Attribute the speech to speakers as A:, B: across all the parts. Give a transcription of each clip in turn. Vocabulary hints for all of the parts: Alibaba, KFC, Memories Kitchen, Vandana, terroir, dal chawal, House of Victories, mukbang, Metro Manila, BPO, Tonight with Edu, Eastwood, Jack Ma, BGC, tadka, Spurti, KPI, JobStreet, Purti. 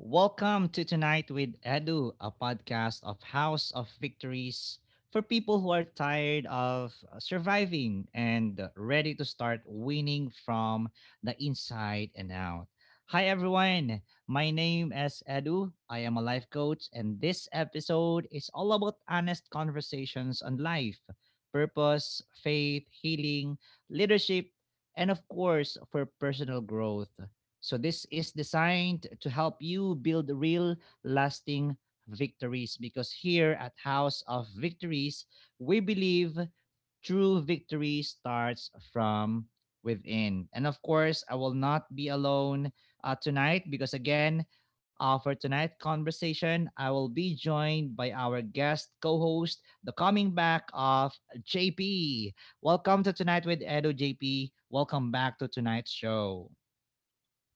A: Welcome to Tonight with Edu, a podcast of House of Victories for people who are tired of surviving and ready to start winning from the inside and out. Hi everyone, my name is Edu. I am a life coach, and this episode is all about honest conversations on life, purpose, faith, healing, leadership, and of course, for personal growth. So this is designed to help you build real lasting victories because here at House of Victories, we believe true victory starts from within. And of course, I will not be alone tonight because again, for tonight's conversation, I will be joined by our guest co-host, the coming back of JP. Welcome to Tonight with Edu JP. Welcome back to tonight's show.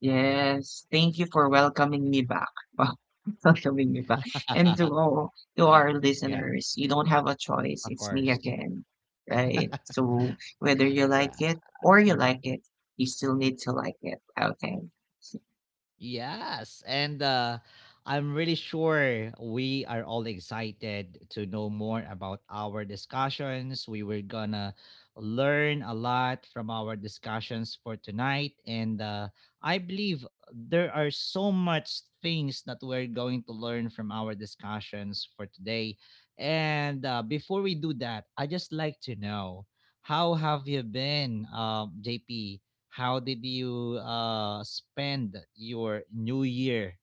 B: Yes, thank you for welcoming me back. Wow, welcoming me back. And to all to our
A: Yeah,
B: listeners, you don't have a choice.
A: of
B: It's me
A: course.
B: again, right? So whether you like
A: Yeah.
B: it or you like
A: Uh,
B: it, you still need to like it. Okay.
A: Yes. And I'm really sure we are all excited to know more about our discussions. We were going to learn a lot from our discussions for tonight. And I believe there are so much things that we're going to learn from our discussions for today. And before we do that, I just like to know how have you been, JP? How did you spend your New Year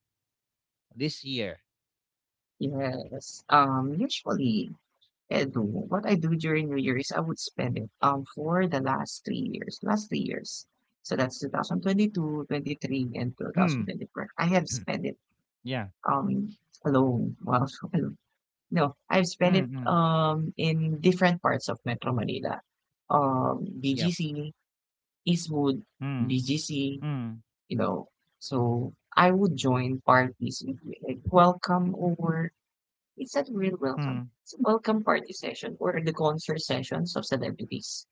A: this year?
B: Yes. Usually, Edu, what I do during New Year is I would spend it for the last three years, last three years. So that's 2022, 23, and
A: Mm.
B: 2024. I have spent it
A: Yeah.
B: um, alone. Wow, so alone. No, I've spent
A: Mm,
B: it
A: mm.
B: in different parts of Metro Manila.
A: Yep.
B: BGC, Eastwood,
A: Mm,
B: BGC,
A: mm,
B: you know. So I would join parties with, like welcome over. It's not real welcome.
A: mm.
B: It's a welcome party session or the concert sessions of celebrities.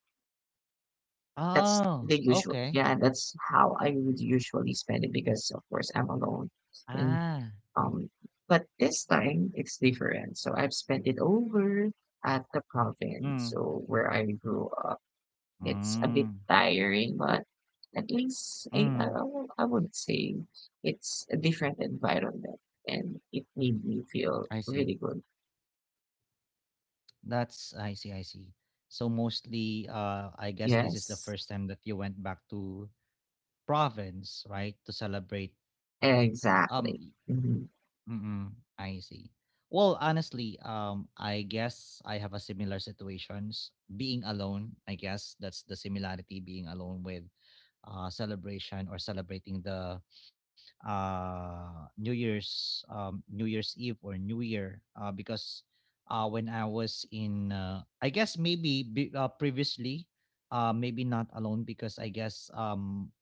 B: That's
A: Oh,
B: the usual.
A: okay.
B: Yeah, that's how I would usually spend it because of course I'm alone. And
A: Ah.
B: um but this time it's different. So I've spent it over at the province,
A: Mm,
B: so where I grew up. It's a bit
A: mm,
B: tiring, but at least I I,
A: mm.
B: I would I would say it's a different environment and it made me
A: I
B: feel
A: see.
B: really good.
A: That's I see, I see. So mostly I guess this is the
B: Yes,
A: first time that you went back to province, right? To celebrate. Um
B: exactly. Mm-hmm.
A: Mm. I see. Well, honestly, I guess I have a similar situations. Being alone, I guess that's the similarity. Being alone with celebration or celebrating the New Year's, New Year's Eve or New Year, because when I was in, I guess maybe be, previously, maybe not alone because I guess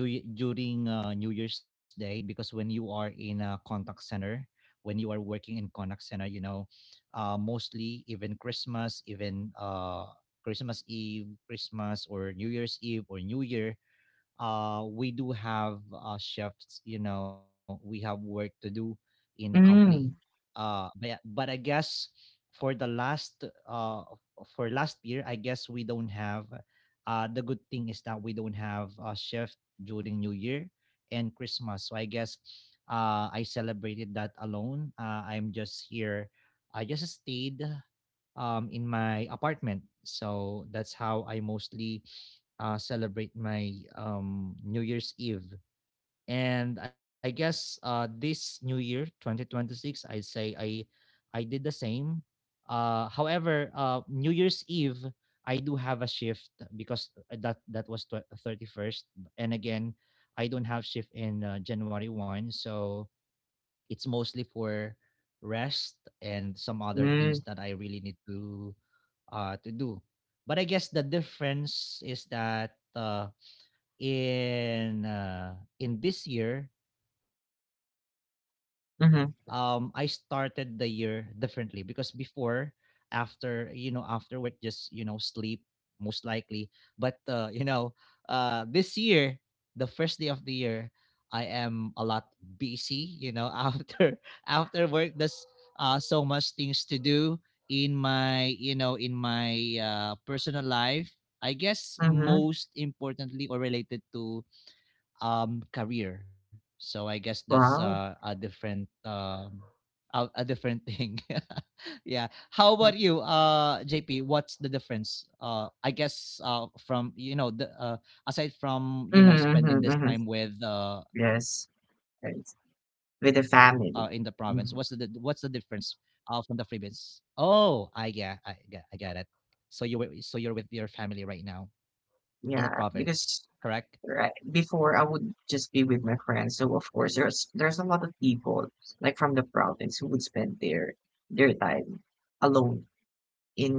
A: during, New Year's Day, because when you are in a contact center, when you are working in contact center, mostly even Christmas Eve, Christmas, or New Year's Eve or New Year, we do have shifts. You know, we have work to do in the company.
B: Mm,
A: But I guess for the last for last year, I guess we don't have. The good thing is that we don't have a shift during New Year and Christmas. So I guess I celebrated that alone. I'm just here. I just stayed in my apartment. So that's how I mostly celebrate my New Year's Eve. And I guess this New Year, 2026, I'd say I did the same. However, New Year's Eve, I do have a shift because that was 31st, and again, I don't have shift in January one, so it's mostly for rest and some other things
B: mm,
A: that I really need to do. But I guess the difference is that in uh in this year, I started the year
B: mm-hmm,
A: differently, because before, after work, just sleep, most likely. But this year, the first day of the year, I am a lot busy, after work there's so much things to do in my, in my personal life, I guess,
B: mm-hmm.
A: most importantly, or related to career. So I guess that's
B: Wow.
A: a different thing. Yeah. How about you, JP? What's the difference? I guess, from you know the aside from
B: Mhm, mhm,
A: spending
B: mhm.
A: this time with
B: Yes,
A: in the
B: right.
A: province, what's the what's
B: With
A: the
B: the
A: difference
B: family.
A: from
B: Mhm.
A: the freebies? Oh, I get it. So you're with your family right now in the
B: Yeah,
A: province,
B: because
A: correct?
B: right before I would just be with my friends. So of course there's a lot of people like from the province who would spend their time alone in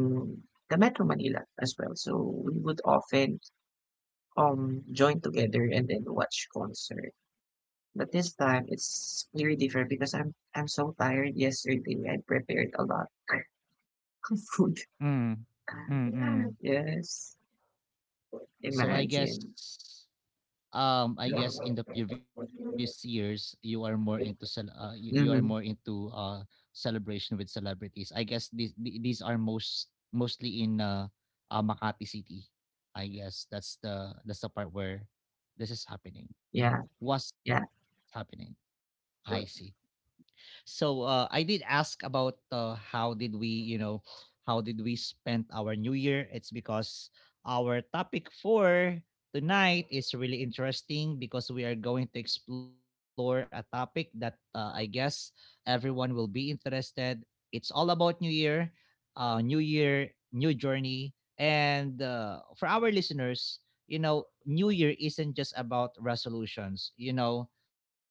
B: the Metro Manila as well. So we would often join together and then watch concert. But this time it's very different because I'm so tired yesterday. I prepared a lot of food.
A: Mm. Mm.
B: Yes.
A: So I guess
B: Imagine.
A: um I guess in the previous years, you are more into you are more
B: Mhm.
A: into celebration with celebrities. I guess these are mostly in Makati City. I guess that's the part where this is happening.
B: Yeah,
A: What's
B: yeah.
A: happening? I see. So I did ask about how did we spend our New Year. It's because our topic for tonight is really interesting, because we are going to explore a topic that I guess everyone will be interested. It's all about New Year, new journey, and for our listeners, New Year isn't just about resolutions. You know,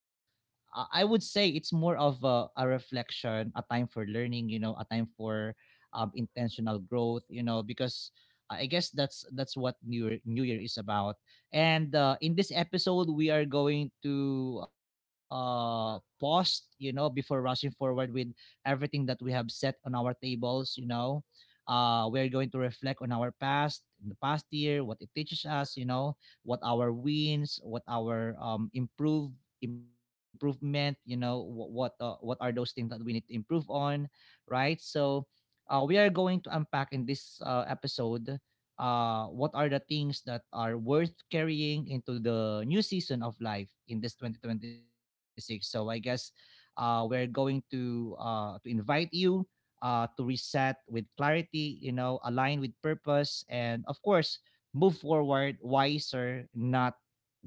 A: uh, I would say it's more of a reflection, a time for learning, a time for intentional growth, because I guess that's what New Year is about. And in this episode, we are going to pause, before rushing forward with everything that we have set on our tables. We're going to reflect on our past, in the past year, what it teaches us, what our wins, what our improvement, what are those things that we need to improve on, right? So we are going to unpack in this episode what are the things that are worth carrying into the new season of life in this 2026. So I guess we're going to to invite you to reset with clarity, align with purpose, and of course move forward wiser, not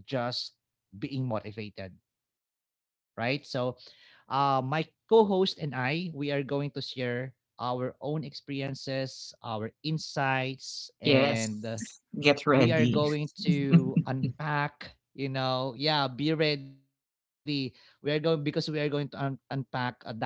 A: just being motivated, right? So, my co-host and I, we are going to share our own experiences, our insights, and
B: Yes.
A: uh,
B: Get
A: we are
B: ready.
A: going to unpack. Yeah, be ready. We are going to unpack, dive into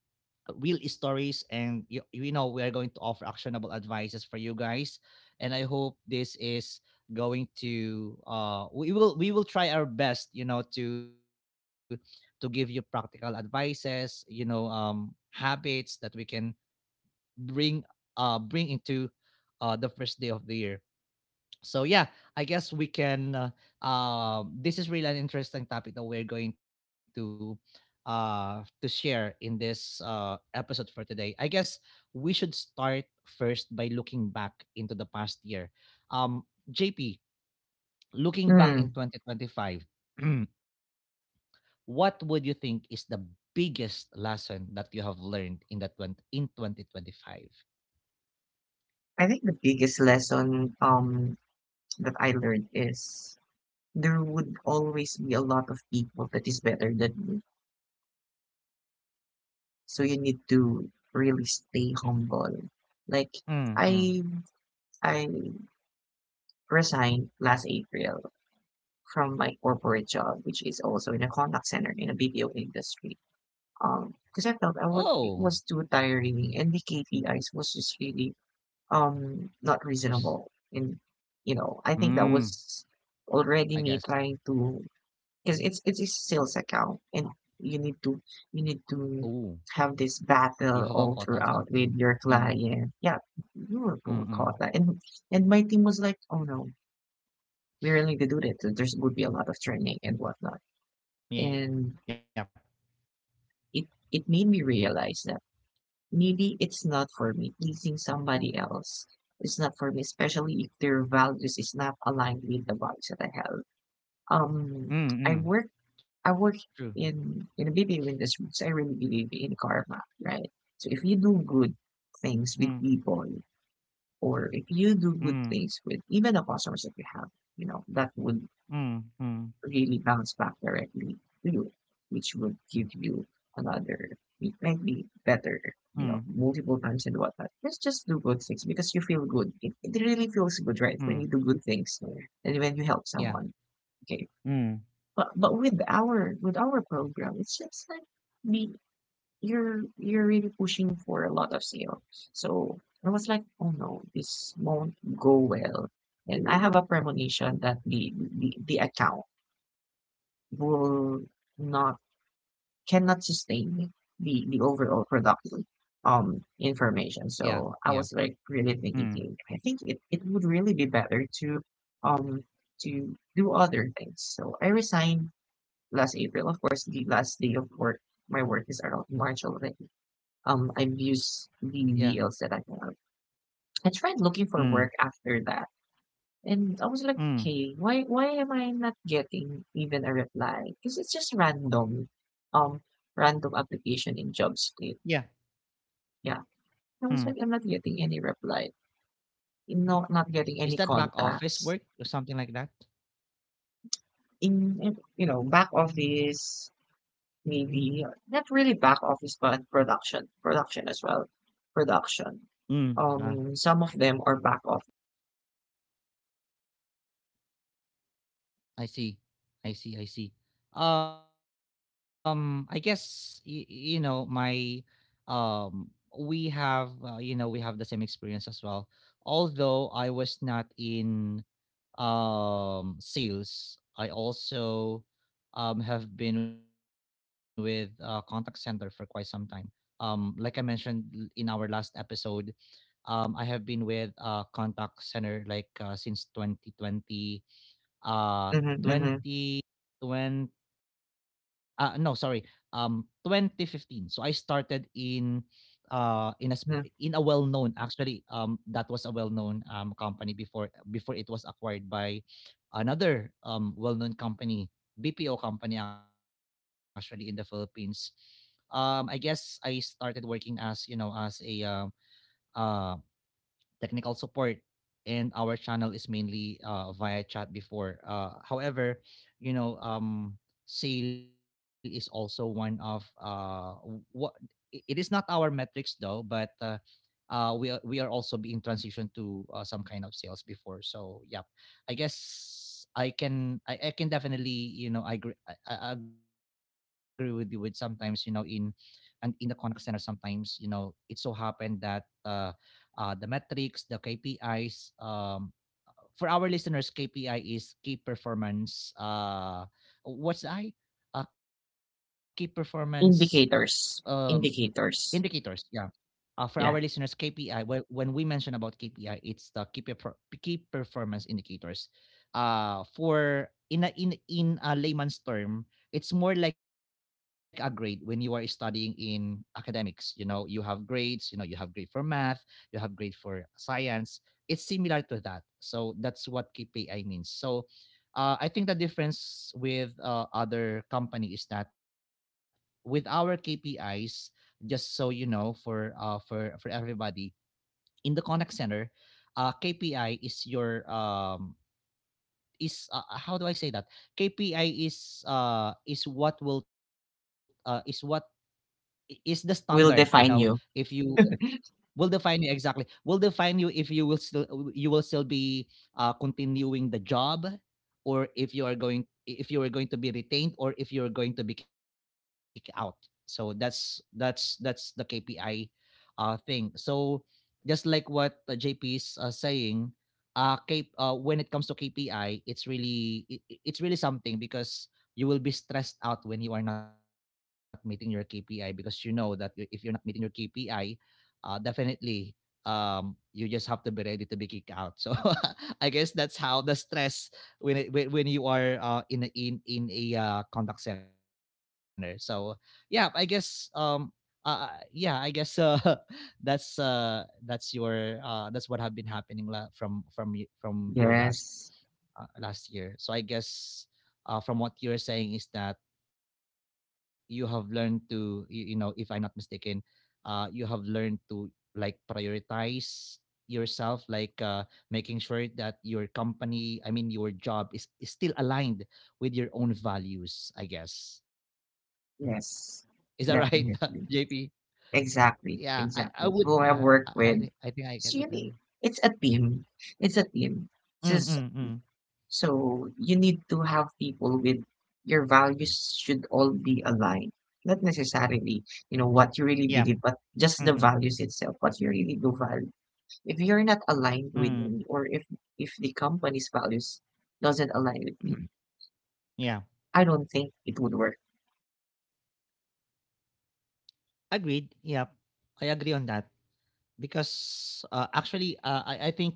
A: real stories, and we are going to offer actionable advices for you guys, and I hope this is going to we will try our best, to give you practical advices, habits that we can bring bring into the first day of the year. So yeah, I guess we can. This is really an interesting topic that we're going to to share in this episode for today. I guess we should start first by looking back into the past year. Um, JP, looking back in
B: Mm.
A: 2025. What would you think is the biggest lesson that you have learned in that twenty in 2025?
B: I think the biggest lesson that I learned is there would always be a lot of people that is better than you. So you need to really stay humble. Like
A: Mm, mm.
B: I I resigned last April from my corporate job, which is also in a contact center in a BPO industry. Because I
A: Oh,
B: felt I was it was too tiring and the KPIs was just really not
A: first.
B: reasonable. And you know, I think that
A: Mm,
B: was
A: I
B: already
A: guess.
B: me trying to, because it's a sales account and you need to you need
A: Oh,
B: to have this
A: you have a caught
B: battle
A: on
B: all
A: something.
B: throughout with your
A: Mm,
B: client. Yeah,
A: mm,
B: we were
A: mm.
B: caught that. And my team was like, oh no, we really need to do that. There's would be a lot of training and whatnot.
A: Yep.
B: And it it made me realize that maybe it's not for me. Pleasing somebody else is not for me, especially if their values is not aligned with the values that I have.
A: Mm,
B: Um,
A: mm.
B: I work
A: True.
B: I work in the BPO industry, so I really believe in karma, right? So if you do good
A: Mm,
B: things with people, or if you do
A: mm,
B: good things with even the customers that you have, you know that would
A: mm, mm,
B: really bounce back directly to you, which would give you another, it might be
A: mm,
B: better, you know, multiple times and whatnot. Just do good things because you feel good. It really feels good, right?
A: mm,
B: When you do good things and when you help
A: yeah,
B: someone. Okay.
A: mm,
B: But with our program, it's just like the you're really pushing for a lot of sale. So I was like, oh no, this won't go well. And I have a premonition that the account will not, cannot sustain the overall productive
A: yeah,
B: information.
A: yeah,
B: So I was like
A: mm,
B: really thinking, "Hey, I think it would really be better um to do other things." So I resigned last April. Of course, the last day of work, my work is around March already. I've
A: yeah,
B: used the deals that I have. I tried
A: mm,
B: looking for work after that and I was like,
A: mm,
B: okay, why am I not getting even a reply? Because it's just random, um,
A: yeah,
B: random application in JobStreet. Yeah,
A: mm.
B: I was like, I'm not getting any reply. No,
A: Is
B: not
A: that
B: getting
A: back
B: any
A: office work or
B: contacts
A: something like that?
B: in, you know, back office. Maybe not really back office, but production, as well, production.
A: Mm. Ah.
B: Some of them are back office.
A: I see, I see, I see. I guess, y- you know my, um, we have, we have the same experience as well. Although I was not in sales, I also have been with contact center for quite some time. Like I mentioned, in our last episode, I have been with contact center, like, since 2020 uh
B: hmm
A: 2020. 20 no sorry 2015, so I started uh in a sp- in a
B: hmm
A: well-known, actually, that was a well-known company before it was acquired by another well-known company, BPO company, actually, in the Philippines. I guess I started working as you know as a um technical support, and our channel is mainly via chat before. However, you know, um, sale is also one of, what, it is not our metrics though, but we are also being transitioned to some kind of sales before. So yep, I guess I can, definitely, I agree with you, with sometimes, in the contact center, sometimes, it so happened that the metrics, the KPIs, for our listeners, KPI is key performance, what's I key performance, um
B: Indicators,
A: indicators. Yeah.
B: indicators.
A: For our listeners,
B: Yeah,
A: KPI, when we mention about KPI, it's the key, key performance indicators. For In a, in in a layman's term, it's more like a grade when you are studying in academics. You have grades. You have grade for math. You have grade for science. It's similar to that. So that's what KPI means. So, I think the difference with other company is that with our KPIs, just so you know for everybody in the contact center, KPI is your is how do I say that KPI is what will is what is the standard, you know,
B: will
A: if
B: define
A: you
B: you.
A: will define you. Exactly, will define you if you will still, you will still be continuing the job, or if you are going to be retained, or if you're going to be kicked out. So that's the KPI thing. So just like what JP is saying, when it comes to KPI, it's really it's really something, because you will be stressed out when you are not meeting your KPI, because you know that if you're not meeting your KPI, definitely, you just have to be ready to be kicked out. So I guess that's how the stress when you are in a contact center. So yeah, I guess um, yeah, I guess that's your that's what have been happening from your last,
B: Yes,
A: last year. So I guess, from what you're saying is that you have learned to, you know, if I'm not mistaken, you have learned to like prioritize yourself, like, making sure that your company, I mean, your job is still aligned with your own values, I guess. Is that right,
B: yes,
A: JP?
B: definitely.
A: Yeah, I
B: Exactly,
A: would. Yeah,
B: exactly. Who I
A: I think
B: work
A: I think
B: with,
A: I get with that.
B: it's really, it's a team. It's a team.
A: Mm, mm,
B: Just,
A: mm.
B: so you need to have people with, your values should all be aligned. Not necessarily,
A: Yep.
B: you know, what you really
A: Mm,
B: believe,
A: mm,
B: but just the values itself, what you really do value. If you're not aligned
A: mm.
B: with me, or if the company's values doesn't align with me,
A: Yeah.
B: I don't think it would work.
A: Agreed. Yep. I agree on that because, actually, I think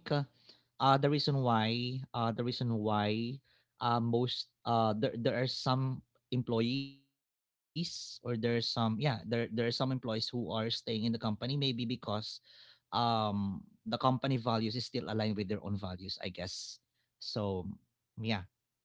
A: the reason why the reason why, most there there are some employees or there's some yeah there are some employees who are staying in the company maybe because the company values is still aligned with their own values, I guess. So yeah.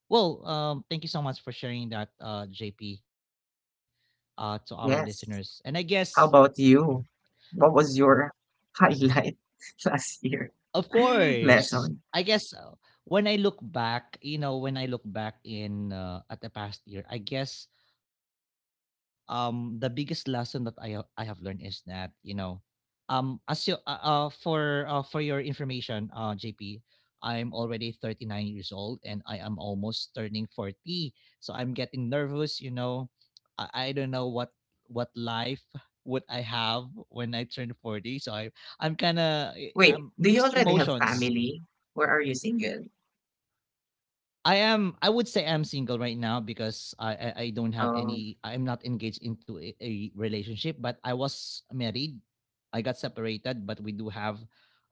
A: Well, thank you so much for sharing that, JP, to our listeners. And I
B: Yes.
A: guess,
B: How about you? What was your highlight last year?
A: of course.
B: Lesson.
A: I guess, when I look back, you know, when I look back in, at the past year, I guess the biggest lesson that I have learned is that, you know, as you, for, for your information, JP, I'm already 39 years old and I am almost turning 40. So I'm getting nervous. You know, I don't know what life would I have when I turn 40. So I'm kind of,
B: Wait,
A: I'm
B: do you
A: mixed
B: already have
A: emotions.
B: family or are you single?
A: I would say I'm single right now, because I don't have
B: Oh,
A: any, I'm not engaged into a relationship, but I was married. I got separated, but we do have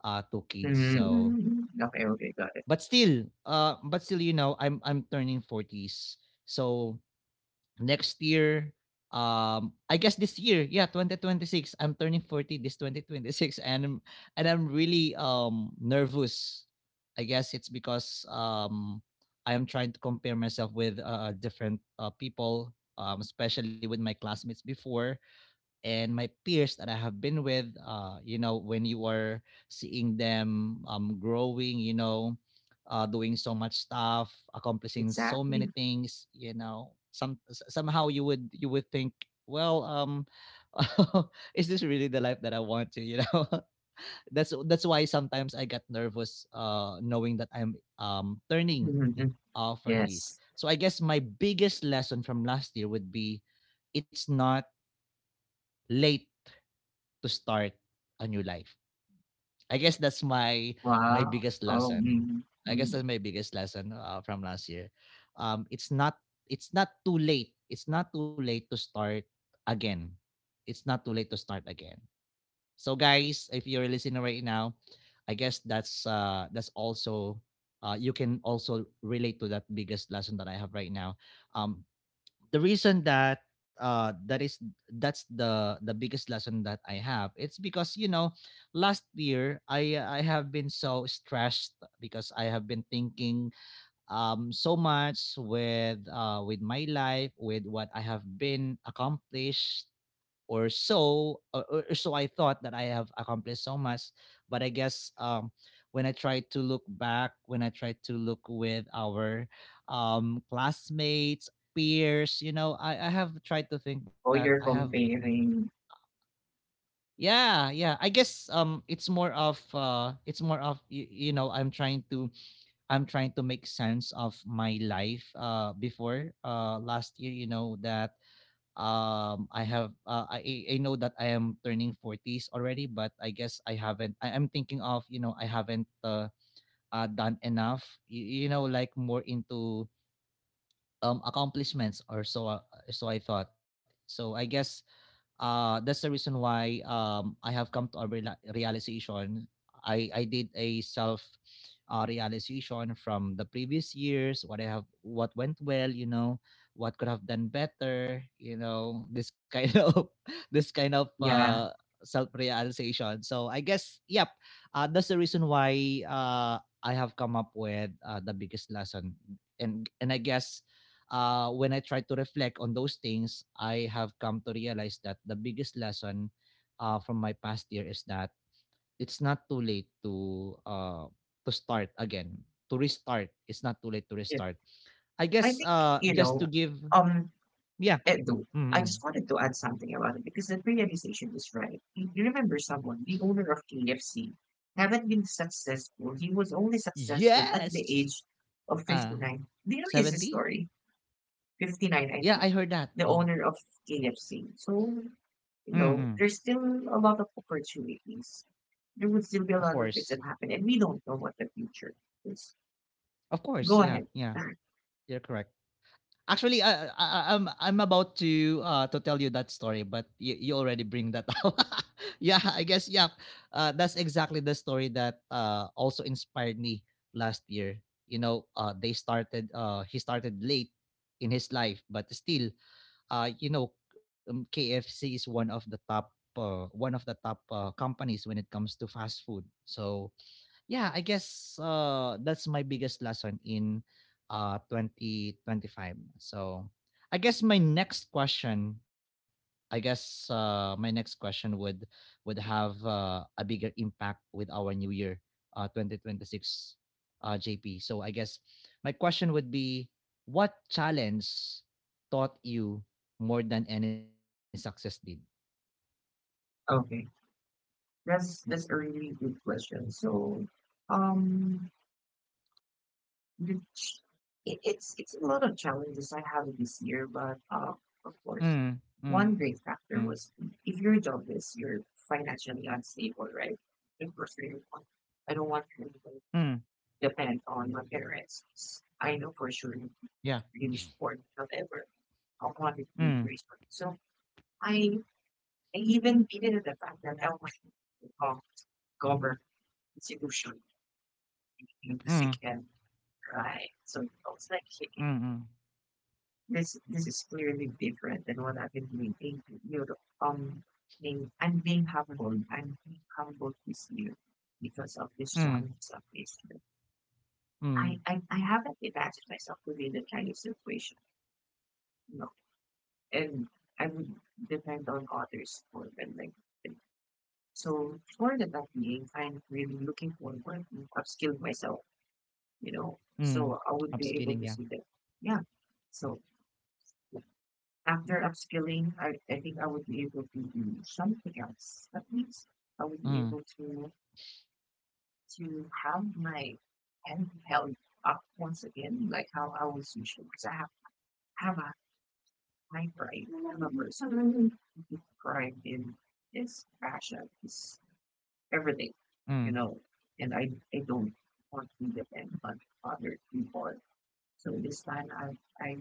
A: two kids. So
B: mm, okay, okay, got it.
A: but still, but still, you know, I'm turning 40s. So next year, I guess this year, yeah, 2026, I'm turning 40 this 2026. And I'm really nervous. I guess it's because I am trying to compare myself with different people, especially with my classmates before and my peers that I have been with. You know, when you are seeing them, growing, you know, doing so much stuff, accomplishing so many
B: Exactly.
A: things, you know, somehow you would, you would think, well, is this really the life that I want to? You know, that's why sometimes I got nervous, knowing that I'm turning
B: Mm,
A: 30s.
B: yes.
A: So I guess my biggest lesson from last year would be, it's not late to start a new life. I guess that's my, my
B: Wow.
A: biggest
B: Oh,
A: lesson.
B: mm,
A: I guess
B: mm.
A: that's my biggest lesson, from last year. It's not, it's not too late. It's not too late to start again. It's not too late to start again. So guys, if you're listening right now, I guess that's, that's also you can also relate to that biggest lesson that I have right now. Um, the reason that that is that's the biggest lesson that I have. It's because, you know, last year I have been so stressed because I have been thinking so much with, with my life, with what I have been accomplished. Or so, or so I thought that I have accomplished so much. But I guess, when I try to look back, when I try to look with our classmates, peers, you know, I have tried to think that
B: Oh,
A: I
B: you're
A: have,
B: comparing.
A: yeah, yeah, I guess, it's more of, it's more of, you know, I'm trying to, I'm trying to make sense of my life, before, last year. You know that, I have I know that I am turning 40s already, but I guess I haven't I, am thinking of, you know, I haven't, done enough. You know, like, more into accomplishments or so, so I thought. So I guess, that's the reason why, I have come to a realization. I did a self, realization from the previous years, what I have, what went well, you know, what could have done better, you know, this kind of, this kind of
B: Yeah,
A: self realization. So I guess, yep, that's the reason why, I have come up with, the biggest lesson. And I guess, when I try to reflect on those things, I have come to realize that the biggest lesson, from my past year is that it's not too late to, to start again, to restart. It's not too late to
B: yeah.
A: restart. I
B: I
A: guess,
B: think, you
A: just to
B: know,
A: give,
B: um,
A: yeah,
B: Edo,
A: mm,
B: I
A: mm.
B: just wanted to add something about it because that realization is right. You remember someone, the owner of KFC, haven't been successful. He was only successful at the
A: Yes,
B: age of
A: uh,
B: 59. Do you know his
A: 70.
B: story? 59, I
A: Yeah,
B: think.
A: I heard that.
B: The
A: Yeah.
B: owner of KFC. So, you know,
A: Mm-mm.
B: there's still a lot of opportunities. There would still be a
A: Of
B: lot of things
A: course,
B: that happen, and we don't know what the future is.
A: of course.
B: Go
A: Yeah,
B: ahead.
A: yeah. You're correct. Actually, I- am I'm about to, to tell you that story, but you already bring that out. Yeah, I guess yeah. That's exactly the story that, also inspired me last year. You know, they started. He started late in his life, but still, you know, KFC is one of the top, companies when it comes to fast food. So yeah, I guess that's my biggest lesson in 2025. So I guess my next question I guess, my next question would have, a bigger impact with our new year, 2026, JP. So I guess my question would be, what challenge taught you more than any success did?
B: Okay. That's a really good question. So, um, mhm. It's a lot of challenges I have this year, but, of course,
A: Mm,
B: one
A: mm,
B: great factor was if your job is, you're financially unstable, right? Of course, I don't want to
A: mm,
B: depend on my parents. I know for sure
A: yeah.
B: really support however, I wanted to
A: Mm,
B: raise money. So I I even beaten at the fact that I was to become government institution in
A: mm,
B: the sick
A: mm,
B: end, right? So I was like,
A: mm,
B: this is clearly different than what I've been doing. Thank you. You're um being, I'm being humbled. I'm being humbled this year because of this challenge
A: mm.
B: of this. I, I,
A: Mm.
B: I haven't imagined myself to be in the kind of situation, you know. And I would depend on others for them, like so for the time being, I'm really looking forward to upskilling myself, you know, so
A: Mm.
B: I would be able to
A: Upscaling,
B: see
A: yeah.
B: that. Yeah. So after upskilling, I think I would be able to do something else. At least I would be able
A: Mm,
B: to have my hand held up once again, like how I was usually. Because have a high pride. I remember suddenly pride in this passion is everything,
A: mm,
B: you know. And I don't want to depend on other people. So this time I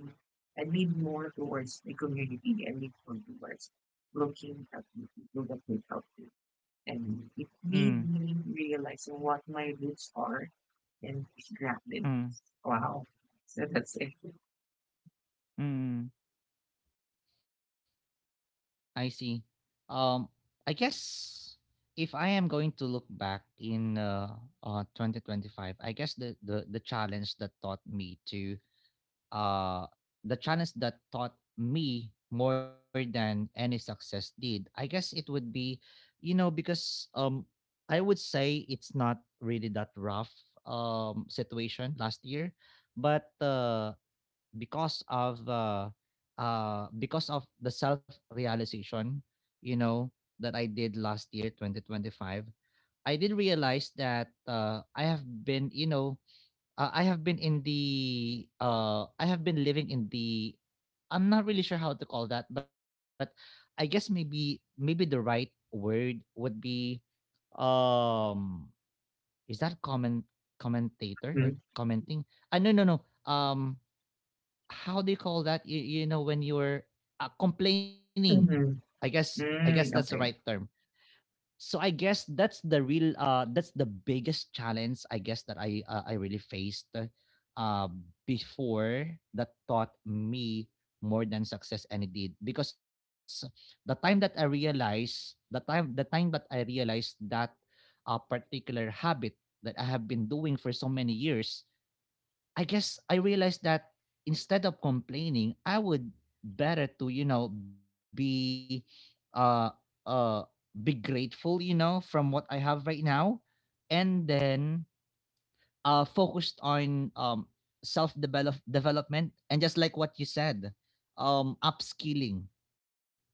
B: I lean more towards the community and lean more towards looking at the people that need help me. And it made
A: mm.
B: me realize what my roots are and be grounded.
A: Mm.
B: Wow. So that's it.
A: Mm. I see. Um, I guess if I am going to look back in 2025, I guess the challenge that taught me to, uh the challenge that taught me more than any success did, I guess it would be, you know, because I would say it's not really that rough situation last year, but because of uh, because of the self realization, you know, that I did last year, 2025. I did realize that, I have been, you know, I have been living in the, I'm not really sure how to call that, but I guess, maybe the right word would be, um, is that comment, commentator, or commenting? Ah, no, no, no. Um, how do you call that? You know, when you're, complaining,
B: Mm-hmm.
A: I guess that's the right
B: Mm,
A: term.
B: okay.
A: So I guess that's the real, that's the biggest challenge, I guess, that I really faced, uh, before, that taught me more than success and it did. Because the time that I realized, the time that I realized that a particular habit that I have been doing for so many years, I guess I realized that instead of complaining, I would better to, you know, uh uh be grateful, you know, from what I have right now, and then focused on, self development. And just like what you said, upskilling,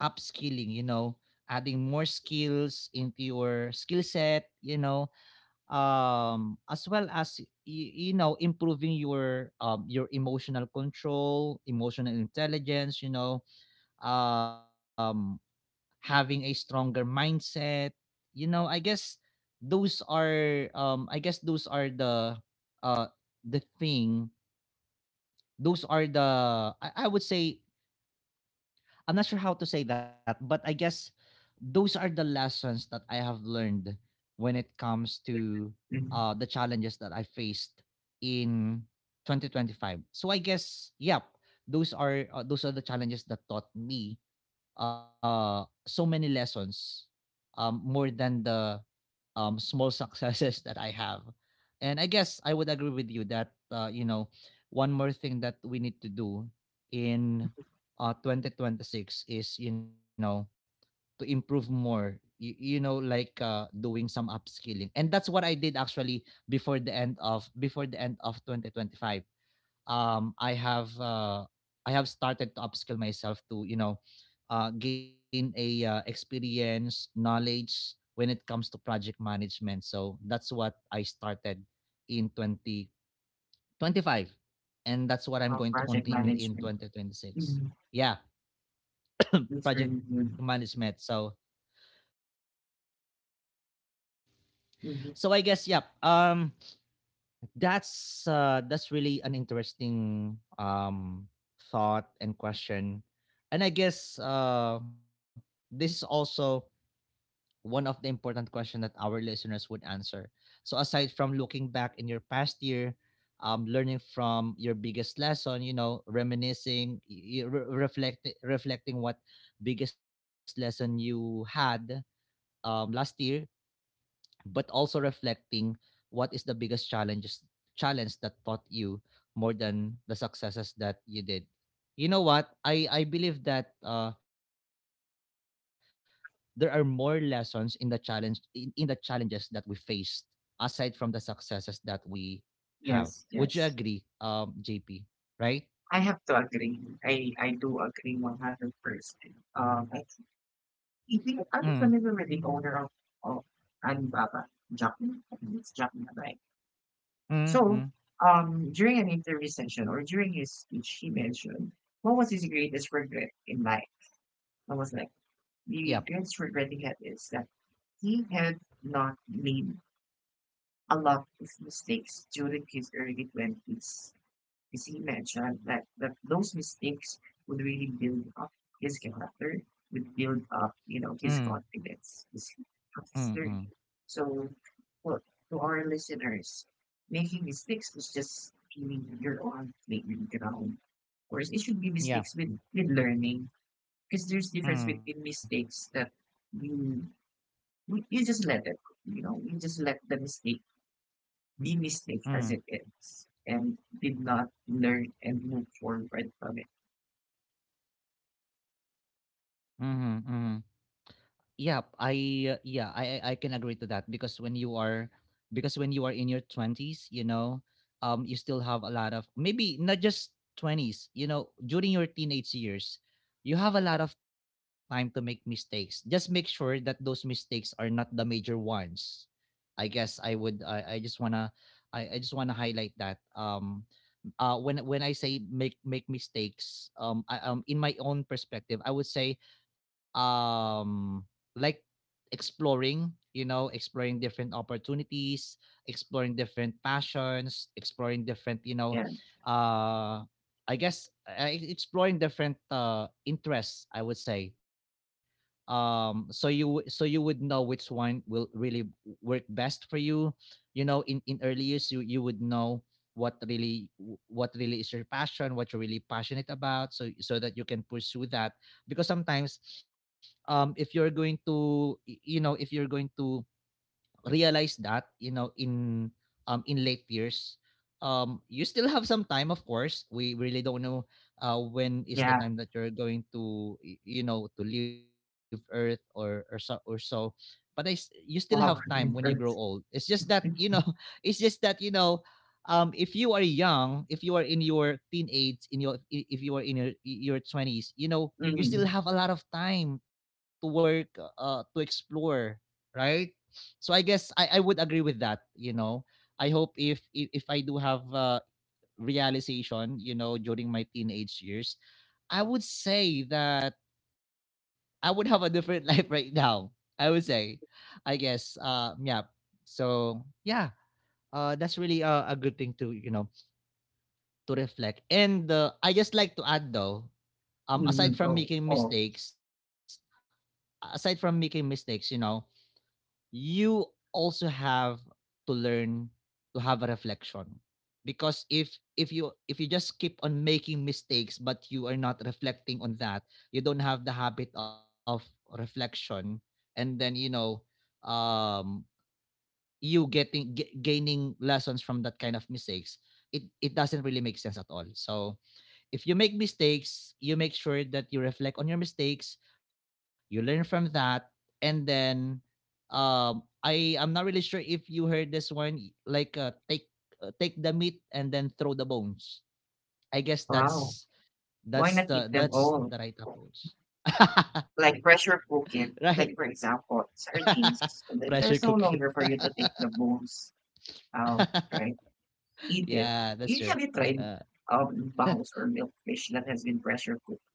A: upskilling, you know, adding more skills into your skill set, you know, as well as, you know, improving your emotional control, emotional intelligence, you know, um having a stronger mindset, you know. I guess those are, I guess those are the, uh the thing, those are the, I would say, I'm not sure how to say that, but I guess those are the lessons that I have learned when it comes to,
B: Mm-hmm.
A: the challenges that I faced in 2025. So I guess, yep, those are, those are the challenges that taught me, so many lessons, more than the small successes that I have. And I guess I would agree with you that one more thing that we need to do in 2026 is to improve more like doing some upskilling, and that's what I did actually before the end of 2025. um I have uh I have started to upskill myself to gain a experience, knowledge when it comes to project management. So that's what I started in 2025, and that's what
B: Well,
A: I'm going to
B: project
A: continue in
B: management.
A: 2026.
B: Mm-hmm.
A: Yeah, project
B: Really good.
A: management. So so I
B: Mm.
A: guess yep. Um that's really an interesting thought and question. And I guess this is also one of the important questions that our listeners would answer. So aside from looking back in your past year, learning from your biggest lesson, you know, reminiscing, reflecting what biggest lesson you had last year, but also reflecting what is the biggest challenges challenge that taught you more than the successes that you did. You know what? I believe that there are more lessons in in the challenges that we faced aside from the successes that we have. Would you
B: Yes,
A: agree,
B: yes.
A: JP? Right?
B: I have to agree. I do agree 100%. Um, I I'm
A: Mm,
B: familiar with the owner of Alibaba, Jack Ma. I think it's Jack Ma, right?
A: mm,
B: So,
A: mm.
B: during an interview session or during his speech, he mentioned what was his greatest regret in life. I was like,
A: Yep.
B: the greatest regret he had is that he had not made a lot of mistakes during his early 20s. Is he mentioned that, that those mistakes would really build up his character, would build up, you know,
A: Mm,
B: his confidence,
A: mm,
B: his
A: mm.
B: learning. So for to our listeners, making mistakes was just feeling your own playing ground. Of course, it should be mistakes
A: Yeah.
B: with learning because there's difference between
A: Mm,
B: mistakes that you you just let it, you know, you just let the mistake be mistake as it
A: mm,
B: is and did not learn and move forward from it.
A: mm, mm, yeah i yeah, I can agree to that because when you are because when you are in your 20s, you still have a lot of, maybe not just 20s, you know, during your teenage years you have a lot of time to make mistakes. Just make sure that those mistakes are not the major ones. I just want to I just want to highlight that when I say make make mistakes, in my own perspective I would say, um like exploring, you know, exploring different opportunities, exploring different passions, exploring different, you
B: And
A: know, uh exploring different interests, I would say. So you would know which one will really work best for you. You know, in early years you would know what really what really is your passion, what you're really passionate about, so that you can pursue that. Because sometimes, if you're going to, if you're going to realized that, you know, in late years, you still have some time, of course. We really don't know when is the
B: yeah,
A: time that you're going to to leave earth or or so. But you still have time when you
B: wow,
A: grow old. It's
B: universe.
A: just that, you know,
B: Mm-hmm.
A: it's just that, you know, if you are young, if you are in your teenage, if you are in your 20s, you know, you still have a lot of time to work, to explore, right? So I guess I would agree with that, you know. I hope if I do have, realization, you know, during my teenage years, I would say that I would have a different life right now, I would say, I guess, yeah. So yeah, that's really a good thing to, you know, to reflect. And I just like to add though, um, aside from
B: Oh,
A: making
B: oh,
A: mistakes, aside from making mistakes, you know, you also have to learn to have a reflection. Because if you just keep on making mistakes but you are not reflecting on that, you don't have the habit of reflection, and then, you know, um you getting gaining lessons from that kind of mistakes, it doesn't really make sense at all. So if you make mistakes, you make sure that you reflect on your mistakes, you learn from that, and then, I'm not really sure if you heard this one, like take the meat and then throw the bones. I
B: wow.
A: guess
B: Why not eat them all?
A: that's the right approach.
B: Like pressure cooking,
A: Right.
B: like for example, sardines, and then there's
A: Pressure
B: no
A: cook
B: longer
A: it.
B: for you to take the bones out, right? Eat it.
A: Yeah,
B: You
A: that's true.
B: tried
A: uh,
B: bones or milkfish that has been pressure cooked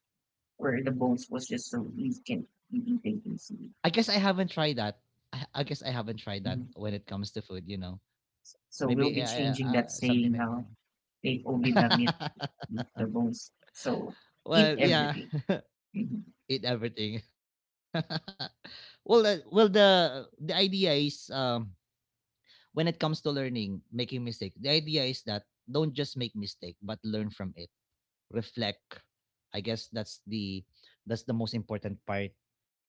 B: where the bones was just so you can be eating easily.
A: I guess I haven't tried that. I guess I haven't tried that
B: Mm-hmm.
A: when it comes to food, you know.
B: So we'll
A: Maybe
B: be changing that
A: something
B: saying
A: like
B: now.
A: that.
B: Take only the meat, the bones. So eat
A: Well, yeah.
B: everything. Mhm.
A: Eat everything. Well, well, the idea is, when it comes to learning, making mistake, the idea is that don't just make mistake, but learn from it. Reflect. I guess that's the most important part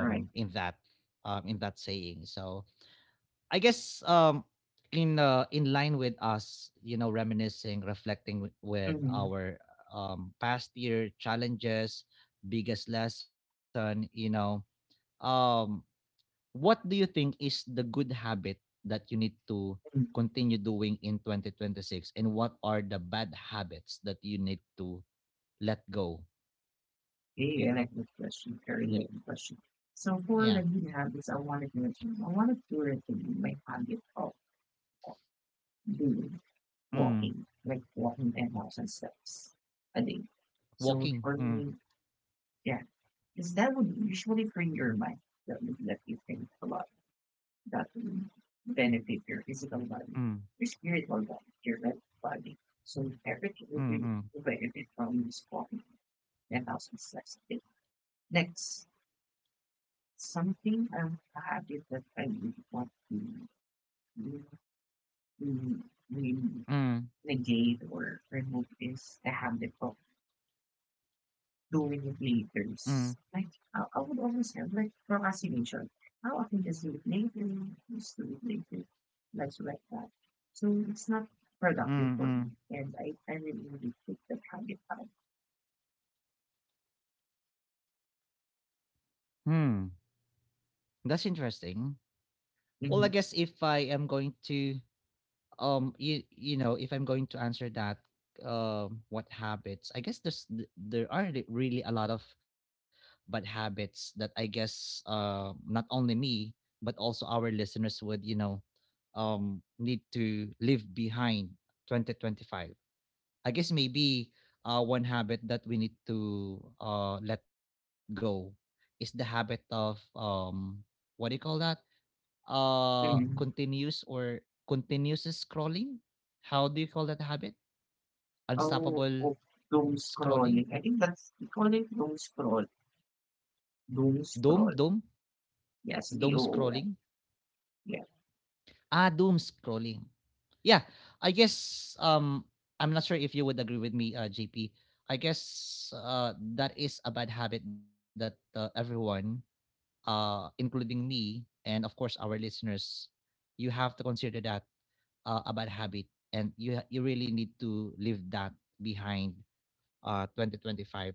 B: Right.
A: in that in that saying. So I guess in line with us, you know, reminiscing, reflecting
B: Mm-hmm.
A: with our past year challenges, biggest lesson, you know, um what do you think is the good habit that you need
B: Mm-hmm.
A: to continue doing in 2026, and what are the bad habits that you need to let go?
B: Okay, I like that question. Very good question. So for the
A: Yeah.
B: good habits, I wanted to recommend my habit of of doing
A: Mm.
B: walking, like walking 10,000 steps a day. So
A: Walking.
B: for
A: Mm.
B: me, yeah, because that would usually free your mind. That would let you think a lot. That will benefit your physical body,
A: Mm.
B: your spiritual body, your mental body. So everything will be, will
A: Mm.
B: benefit from this form. And also necessity. Next, something I'm happy that I really want mm, mm, to
A: Mm. Mm.
B: negate or remove is the habit of doing it laters.
A: Mm.
B: Like, I would always have like procrastination. How I can just do it later, just do it later, like that. So it's not productive
A: Mm.
B: for me,
A: Mm.
B: and I really really take the habit out.
A: Hmm. That's interesting. Well,
B: Mm-hmm.
A: I guess if I am going to, you know, if I'm going to answer that, what habits, I guess there are really a lot of bad habits that, I guess, not only me but also our listeners would, you know, need to leave behind 2025. I guess maybe one habit that we need to let go is the habit of, what do you call that, uh
B: Mm-hmm.
A: continuous or continuous scrolling. How do you call that habit?
B: Oh,
A: Unstoppable
B: oh, doom scrolling.
A: scrolling.
B: I think that's we call it doom scroll. Doom
A: doom
B: scroll.
A: doom
B: Yes, D
A: Doom
B: O O L.
A: scrolling.
B: Yeah.
A: Ah, doom scrolling, yeah. I guess, I'm not sure if you would agree with me, JP. I guess that is a bad habit that, everyone, including me and, of course, our listeners, you have to consider that a bad habit, and you really need to leave that behind, 2025.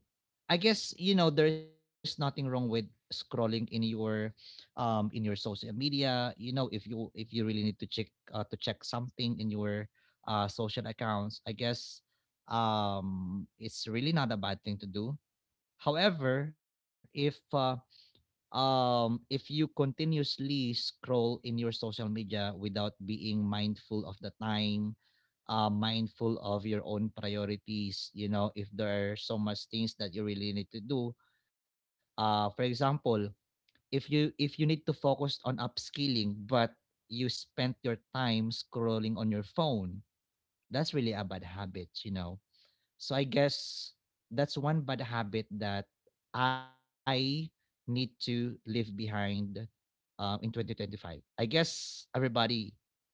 A: I guess, you know, there is nothing wrong with scrolling in your social media, you know, if you really need to check, to check something in your social accounts. I guess it's really not a bad thing to do. However, if you continuously scroll in your social media without being mindful of the time, mindful of your own priorities, you know, if there are so much things that you really need to do, for example, if you need to focus on upskilling but you spent your time scrolling on your phone, that's really a bad habit, you know. So I guess that's one bad habit that I need to leave behind, in 2025. I guess everybody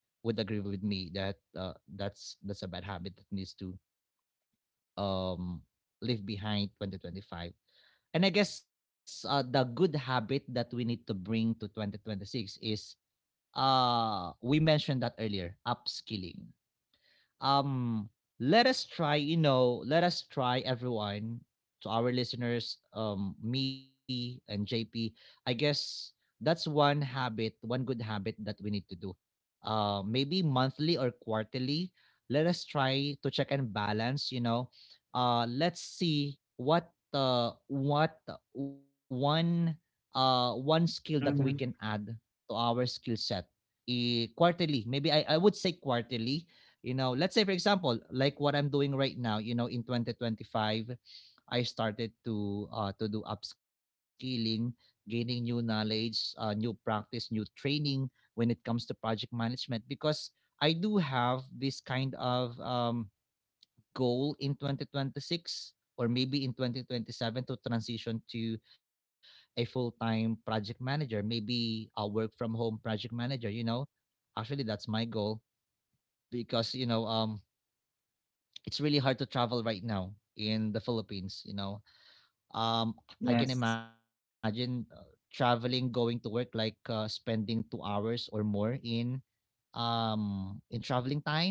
A: would agree with me that, that's a bad habit that needs to, um, leave behind 2025. And I guess, the good habit that we need to bring to 2026 is, we mentioned that earlier, upskilling. um Let us try, you know, let us try, everyone, to our listeners, me and JP, I guess that's one habit, one good habit that we need to do, maybe monthly or quarterly. Let us try to check and balance, you know, let's see what one one skill that we can add
B: Mm-hmm.
A: to our skill set. Eh, quarterly, maybe, I would say quarterly. You know, let's say, for example, like what I'm doing right now, you know, in 2025, I started to do upskilling, gaining new knowledge, new practice, new training when it comes to project management, because I do have this kind of, goal in 2026, or maybe in 2027, to transition to a full-time project manager, maybe a work from home project manager, you know. Actually, that's my goal, because, you know, it's really hard to travel right now in the Philippines, you know. Um I can
B: Yes.
A: imagine, traveling going to work, like, spending 2 hours or more in traveling time.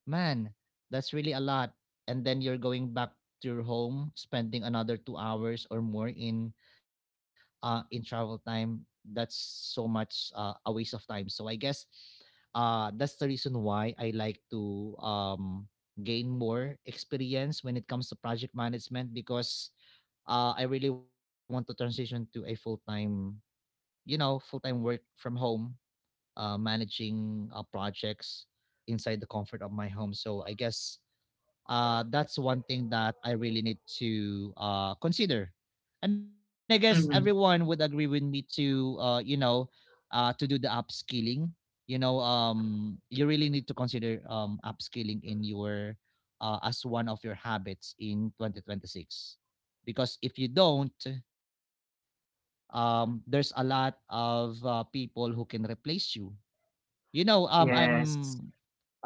A: Man, that's really a lot. And then you're going back to your home, spending another 2 hours or more in travel time. That's so much, a waste of time. So I guess that's the reason why I like to, gain more experience when it comes to project management, because I really want to transition to a full-time, you know, full-time work from home, managing projects inside the comfort of my home. So I guess, that's one thing that I really need to, consider. And I guess
B: Mm-hmm.
A: everyone would agree with me to, you know, to do the upskilling. You know, you really need to consider upskilling in your, as one of your habits in 2026, because if you don't, there's a lot of people who can replace you. You know,
B: Yes.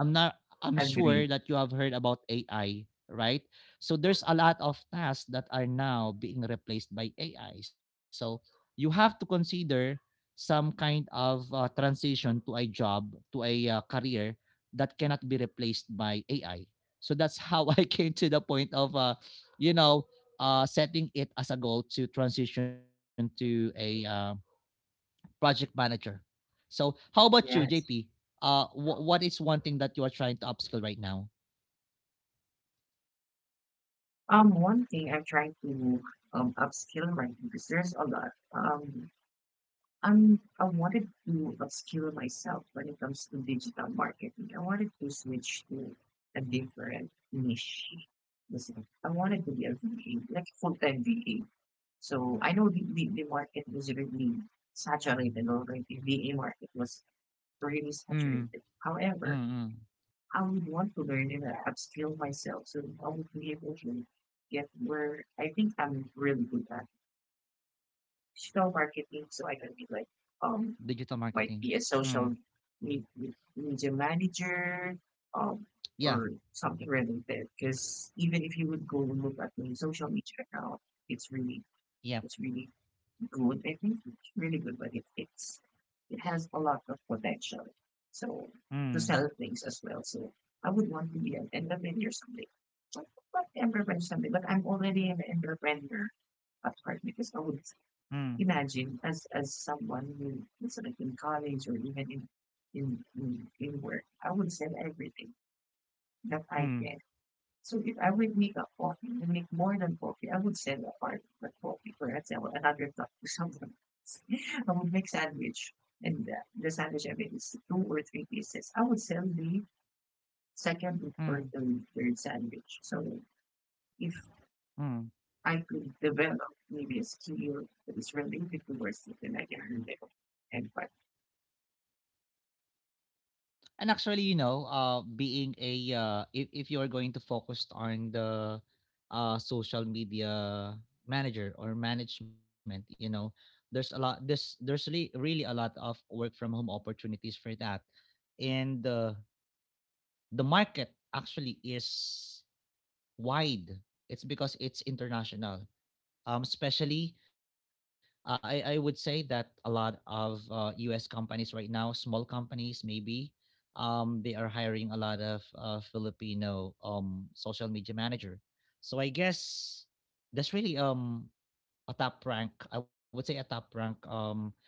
A: I'm not I'm
B: Agree.
A: sure that you have heard about AI, right? So there's a lot of tasks that are now being replaced by AI. So you have to consider some kind of transition to a job, to a career that cannot be replaced by AI. So that's how I came to the point of you know, setting it as a goal to transition to a project manager. So, how about you,
B: Yes.
A: JP? What is one thing that you are trying to upskill right now?
B: One thing I'm trying to upskill right now because there's a lot. I wanted to upskill myself when it comes to digital marketing. I wanted to switch to a different niche. Listen, I wanted to be a V A, like full time VA. So I know the market was really saturated already. VA market was really saturated.
A: Mm,
B: However,
A: mm, mm.
B: I would want to learn and upskill myself so I would be able to get where I think I'm really good at digital marketing. So I can be like, um,
A: Digital
B: might
A: marketing.
B: be a social
A: Mm.
B: media manager, um, or
A: Yeah,
B: something related. Because even if you would go and look at my social media account, it's really, it's really
A: yeah.
B: good. I think it's really good, but it has a lot of potential. So to sell
A: Mm,
B: things as well. So I would want to be an entrepreneur someday. But not entrepreneur someday, but I'm already an entrepreneur at heart because I would
A: mm,
B: imagine as someone who is like in college or even in work, I would sell everything that I can.
A: mm,
B: So if I would make a coffee and make more than coffee, I would sell a part of the coffee, perhaps I would another cup to someone else. I would make sandwich and the sandwich I make is two or three pieces. I would sell the second or
A: mm,
B: the third sandwich. So if
A: mm.
B: I could develop maybe a skill that is related to worship, then I can handle it. And but
A: And actually, you know, being a if you are going to focus on the social media manager or management, you know, there's a lot. This There's really really a lot of work from home opportunities for that, and the market actually is wide. It's because it's international. Especially, I would say that a lot of U.S. companies right now, small companies maybe, they are hiring a lot of Filipino social media manager. So I guess that's really a top rank. I would say a top rank um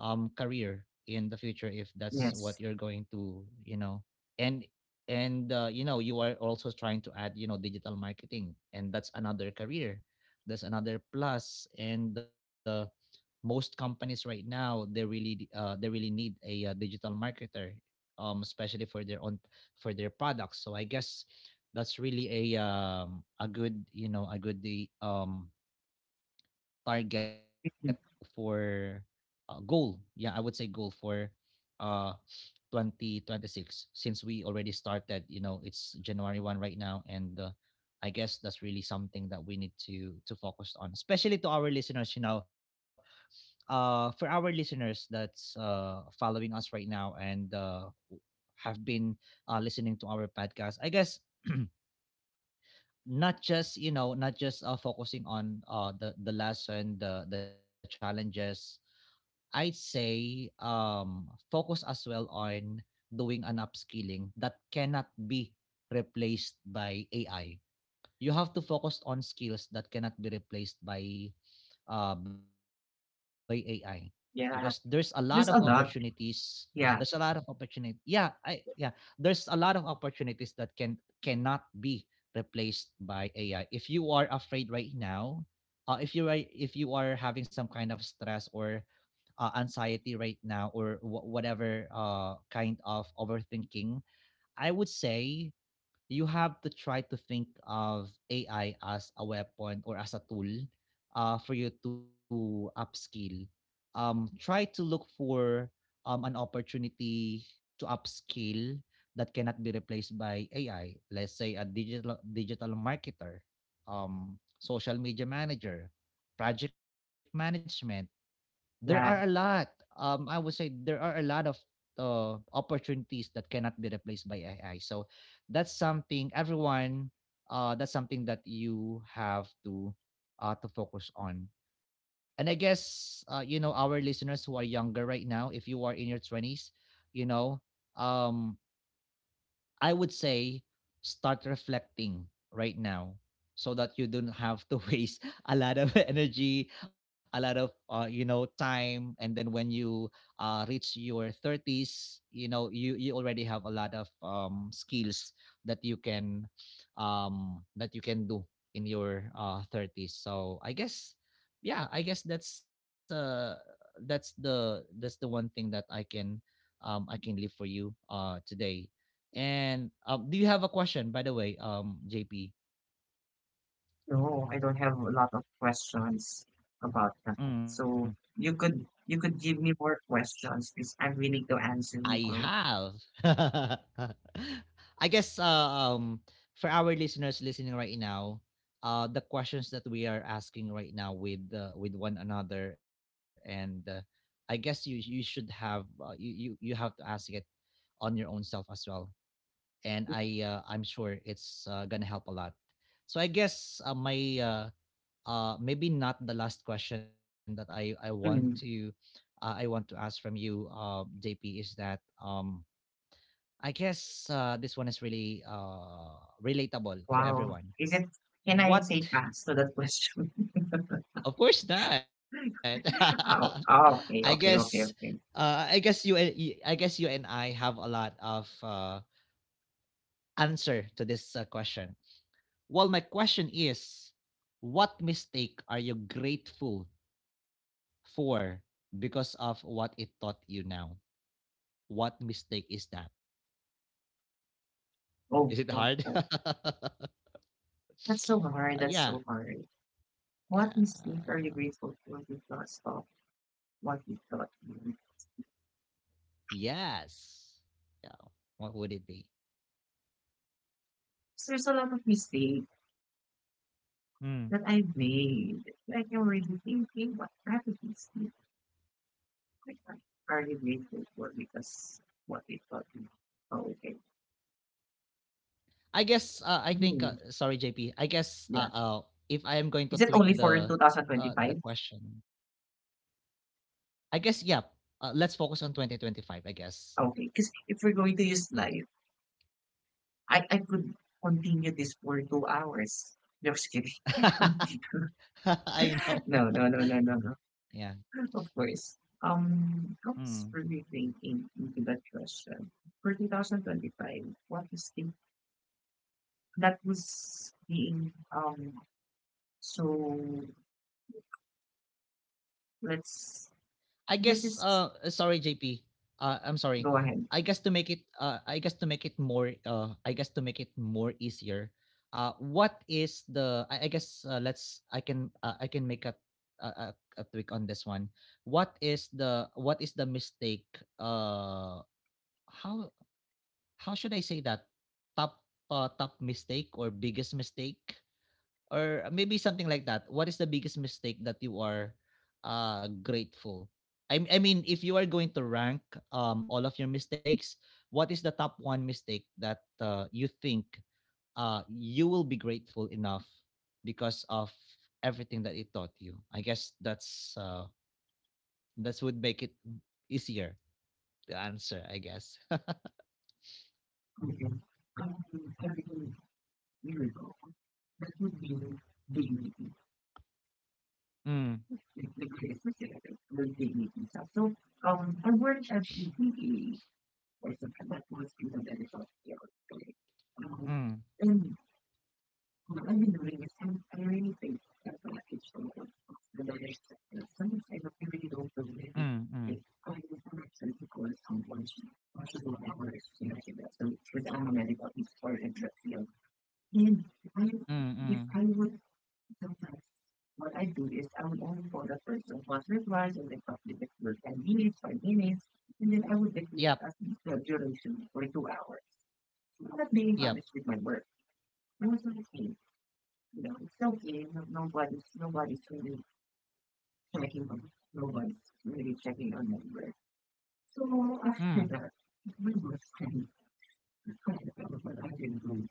A: um career in the future if that's what
B: yes,
A: you're going to, and you know, you are also trying to add, you know, digital marketing, and that's another career, that's another plus, and most companies right now, they really need a, digital marketer, especially for their own, for their products. So I guess that's really a good, you know, a good the target for goal. Yeah, I would say goal for uh 2026. Since we already started, you know, it's January 1 right now, and I guess that's really something that we need to focus on, especially to our listeners, you know, for our listeners that's following us right now, and have been listening to our podcast. I guess not just, you know, not just, focusing on the lesson, the challenges. I'd say, focus as well on doing an upskilling that cannot be replaced by AI. You have to focus on skills that cannot be replaced by AI because there's a lot of
B: yeah, there's a
A: opportunities.
B: lot.
A: There's a lot of
B: Yeah,
A: opportunity. Yeah. There's a lot of opportunities that cannot be replaced by AI. If you are afraid right now, if you are, if you are having some kind of stress or anxiety right now, or whatever kind of overthinking, I would say you have to try to think of AI as a weapon or as a tool for you to upskill. Try to look for an opportunity to upskill that cannot be replaced by AI. Let's say a digital marketer, social media manager, project management, there are a lot.
B: yeah.
A: I would say there are a lot of opportunities that cannot be replaced by AI. So that's something, everyone. That's something that you have to focus on. And I guess, you know, our listeners who are younger right now, if you are in your 20s, you know, um, I would say start reflecting right now, so that you don't have to waste a lot of energy, a lot of, you know, time, and then when you reach your 30s, you know, you already have a lot of, skills that you can, that you can do in your 30s. So I guess, yeah, I guess that's the, one thing that I can, I can leave for you today. And do you have a question, by the way, JP?
B: No, I don't have a lot of questions about that.
A: Mm.
B: So you could give me more questions because I'm willing to
A: I
B: answer more.
A: have. I guess, for our listeners listening right now, the questions that we are asking right now with, with one another, and you should have, you have to ask it on your own self as well. And I'm sure it's gonna help a lot. So I guess, my maybe not the last question that I want to,
B: Mm,
A: I want to ask from you, JP, is that, I guess, this one is really relatable for
B: wow. Is
A: everyone.
B: it, can I say
A: What?
B: pass to that question?
A: Of course not.
B: Oh, oh,
A: i
B: okay, okay,
A: guess
B: okay, okay.
A: I guess you and I have a lot of answer to this, question. Well, my question is, what mistake are you grateful Four because of what it taught you now? What mistake is that?
B: Oh, oh,
A: Is it
B: oh.
A: hard?
B: That's so hard. That's so
A: Yeah.
B: hard. What mistake are you grateful
A: Yeah.
B: for because of what you taught me?
A: Yes. Yeah. What would it be?
B: 'Cause there's a lot of mistakes that
A: Mm.
B: I've made. Like I'm really thinking what happened. I can't hardly wait for four because what we thought. Oh, okay.
A: I guess, I think
B: Hmm.
A: sorry, JP. I guess,
B: Yeah.
A: if I am going
B: Is
A: to
B: it
A: tweak
B: only for 2025?
A: the question. I guess, yeah. Let's focus on 2025, I guess.
B: Okay. Because if we're going to use
A: Yeah.
B: live, I could continue this for 2 hours. Just kidding.
A: I know.
B: No, no, no, no, no, no.
A: Yeah.
B: Of course. I
A: Mm.
B: was really thinking into that question. For 2025, what is the that was being so let's
A: I
B: this
A: guess,
B: is
A: sorry, JP. I'm sorry.
B: go ahead.
A: I guess to make it I guess to make it more I guess to make it more easier. What is the I guess Let's, I can make a, a a a tweak on this one. What is the, mistake, uh how how should I say that, top, top mistake or biggest mistake, or maybe something like that. What is the biggest mistake that you are grateful? I mean, if you are going to rank, all of your mistakes, what is the top one mistake that, you think, you will be grateful enough because of everything that it taught you? I guess that's would make it easier to answer, I guess.
B: Okay. Um, every miracle that would bring dignity,
A: Mm,
B: like the specific with dignity stuff. So I worked as a PTA or something that was in the medical field. Okay. Um,
A: mm,
B: and what I've been doing is I really think that the package of the marriage sector, sometimes I don't- really don't feel really
A: mm, mm,
B: like I'm an actually because I'm watching what I work, you know, so because I'm a medical historian, in the field. If I
A: mm,
B: if
A: mm.
B: I would sometimes what I do is I would only for the person once replies and then complete the work 10 minutes, 5 minutes, and then I would declare
A: Yep.
B: as the duration for 2 hours. So I'm not being
A: Yep.
B: honest with my work. I was like, hey, you know, it's okay. No, nobody's really checking on. Nobody's really checking on my work. So after
A: Mm,
B: that, we were kind of what I did. Not,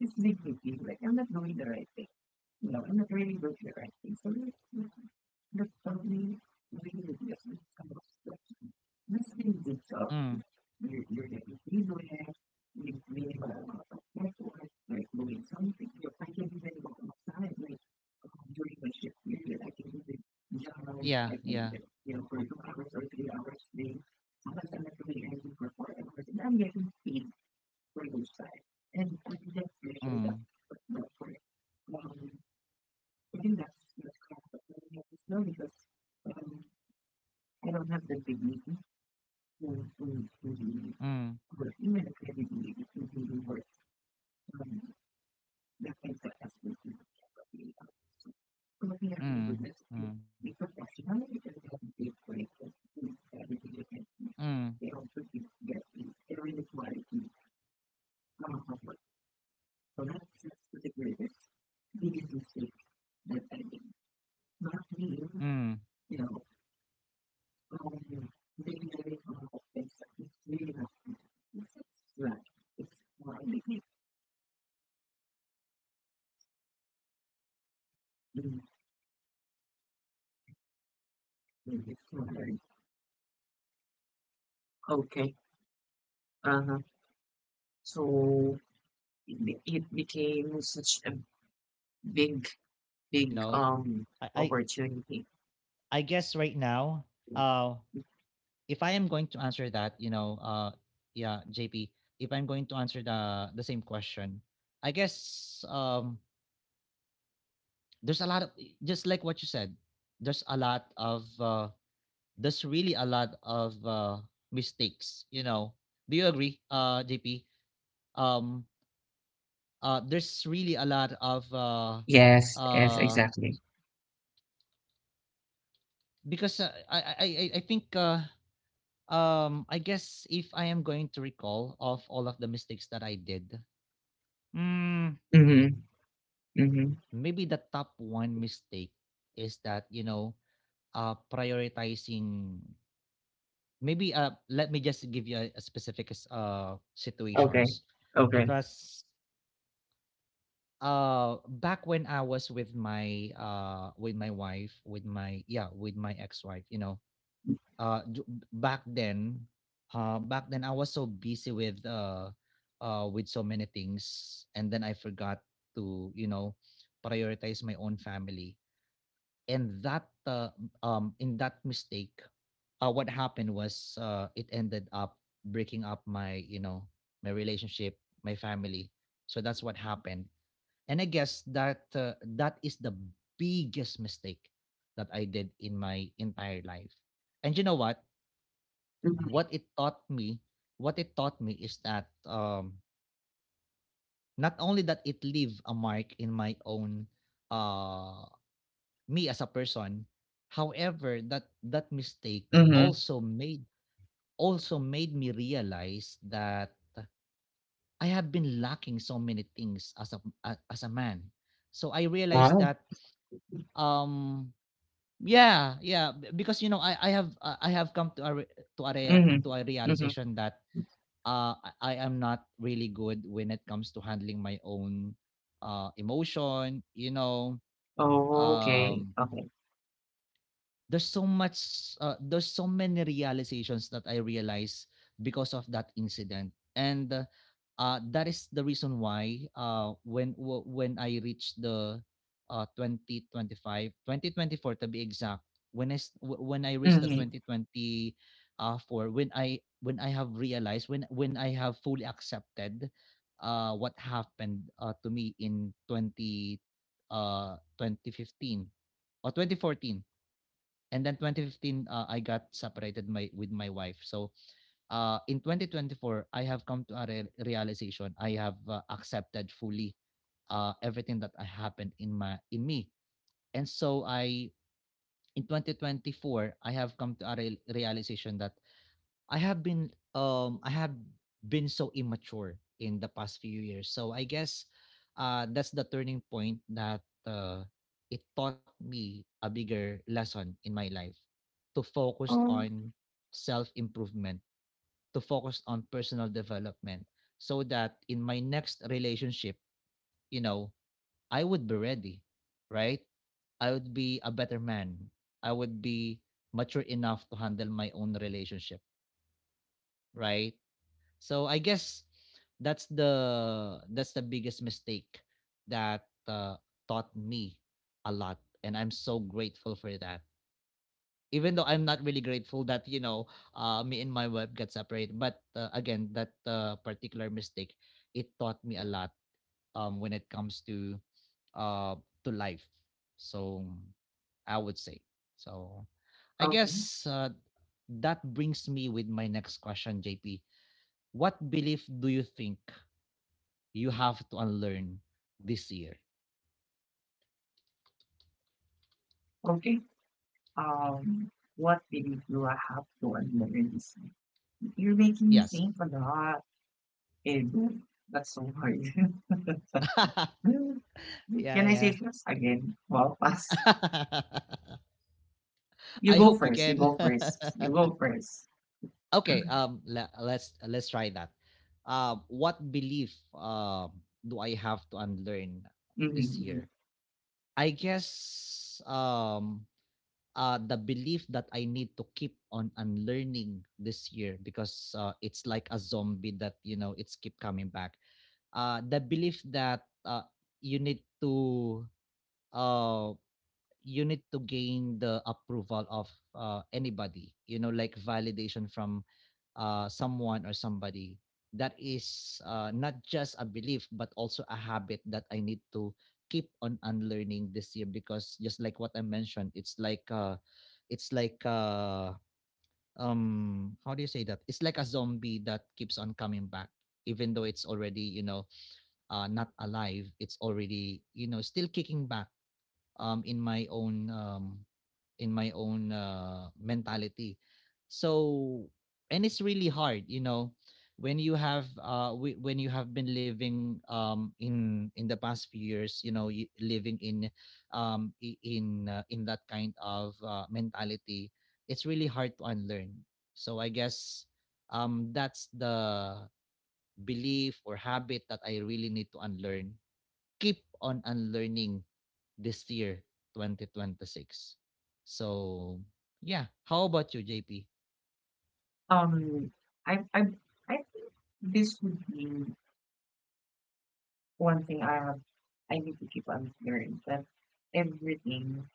B: this makes me like I'm not doing the right thing. You know, I'm not really doing the right thing. So let's probably really reduce some of the stuff. This thing is up.
A: mm.
B: You're getting easily at with minimal amount of effort, like doing something. You're thinking even go outside, like during my shift period, I can even jog,
A: Yeah,
B: I can,
A: yeah.
B: you know, for 2 hours or 3 hours, maybe sometimes I'm not doing anything for 4 hours, and I'm getting paid for each side. And I think that's measured up,
A: Mm.
B: but not for it. Um, I think that's correct, but I don't have know because um, I don't have the big meeting when we
A: Mm,
B: work, even if every meeting when we work, um, the things that has to be properly. So I'm looking at the
A: mm,
B: goodness
A: mm,
B: to be professional because they have a big break of things that we do.
A: mm,
B: They also give their inequality, of what perhaps that's the greatest biggest mistake that I did. Not being,
A: mm.
B: you know, um, negative or offensive. It's really not
A: I
B: good.
A: see, I
B: It's
A: see.
B: right.
A: Yeah,
B: It's
A: I think
B: why
A: I would. I can agree to that as well. Uh, but
B: mm,
A: you know, I think,
B: it's right.
A: if I'm going to answer the question, what is
B: Okay.
A: the mistake that you
B: Uh-huh.
A: are grateful
B: So
A: for because
B: it
A: of what it
B: became
A: taught you?
B: such a
A: You know, I I,
B: big, big
A: I guess right now,
B: opportunity.
A: uh, if I am going to answer that, you know, yeah, JP, if I'm going to answer the same question, I guess, there's a lot of, just like what you said. There's a lot of, there's really a lot of, mistakes. You know, do you agree, JP? Um, there's really a lot of,
B: Yes, yes,
A: uh,
B: exactly.
A: because I think I guess if I am going to recall of all of the mistakes that I did, mm,
B: Mm-hmm. Mm-hmm.
A: maybe the top one mistake is that, you know, prioritizing. Maybe, let me just give you a specific
B: Okay.
A: situations,
B: Okay.
A: because back when I was with my, with my wife, with my, yeah, with my ex-wife, you know, uh d- back then back then, I was so busy with, with so many things, and then I forgot to, you know, prioritize my own family. And that, in that mistake, what happened was, it ended up breaking up, my you know, my relationship, my family. So that's what happened. And I guess that, that is the biggest mistake that I did in my entire life. And you know what
B: Mhm.
A: what it taught me, is that, not only that it leave a mark in my own, uh me as a person, however that, mistake
B: Mm-hmm.
A: also made, me realize that I have been lacking so many things as a, as a man. So I realized
B: Wow.
A: that, um because you know, I have, I have come to a re- to a, reala-
B: Mm-hmm.
A: to a
B: Mm-hmm.
A: realization that, uh, I am not really good when it comes to handling my own, emotion. You know,
B: Oh, okay,
A: um,
B: okay.
A: there's so much, there's so many realizations that I realized because of that incident. And that is the reason why, when when I reached the, 2025, to be exact, when I when I reached the
B: Hmm.
A: 2020, for when I, when I have realized, when I have fully accepted, what happened, to me in 20 uh, 2015 or 2014. And then 2015, I got separated my with my wife. So, in 2024, I have come to a realization. I have, accepted fully, everything that happened in me. And so I, in 2024, I have come to a realization that I have been, I have been so immature in the past few years. So I guess that's the turning point that it taught me a bigger lesson in my life to focus
B: Oh,
A: on self improvement, to focus on personal development so that in my next relationship, you know, I would be ready, right? I would be a better man. I would be mature enough to handle my own relationship, right? So I guess that's the biggest mistake that taught me a lot, and I'm so grateful for that. Even though I'm not really grateful that me and my wife got separated, but again, that particular mistake it taught me a lot when it comes uh, to life. So I would say so. I
B: okay,
A: guess uh, that brings me with my next question, JP. What belief do you think you have to unlearn this year?
B: okay. Um, what video do I have to admit in this? You're making me
A: Yes.
B: think a lot, and that's so hard.
A: Yeah,
B: Can I say
A: yeah.
B: first again? Well, pass. You
A: I
B: go
A: hope we
B: first. You
A: can.
B: go first. You go first.
A: Okay,
B: Mm-hmm.
A: let's try that. What belief do I have to unlearn this
B: Mm-hmm.
A: year? I guess the belief that I need to keep on unlearning this year because it's like a zombie that it's keep coming back. The belief that you need to uh you need to gain the approval of anybody, you know, like validation from someone or somebody, that is not just a belief but also a habit that I need to keep on unlearning this year because, just like what I mentioned, it's like it's like uh how do you say that, it's like a zombie that keeps on coming back even though it's already, you know, not alive, it's already, you know, still kicking back in my own mentality. So, and it's really hard, you know, when you have when you have been living in the past few years, you know, living in in that kind of mentality, it's really hard to unlearn. So I guess that's the belief or habit that I really need to unlearn, keep on unlearning this year, 2026. So, yeah. How about you, JP?
B: Um, I, I, I think this would be one thing I have. I need to keep on learning that everything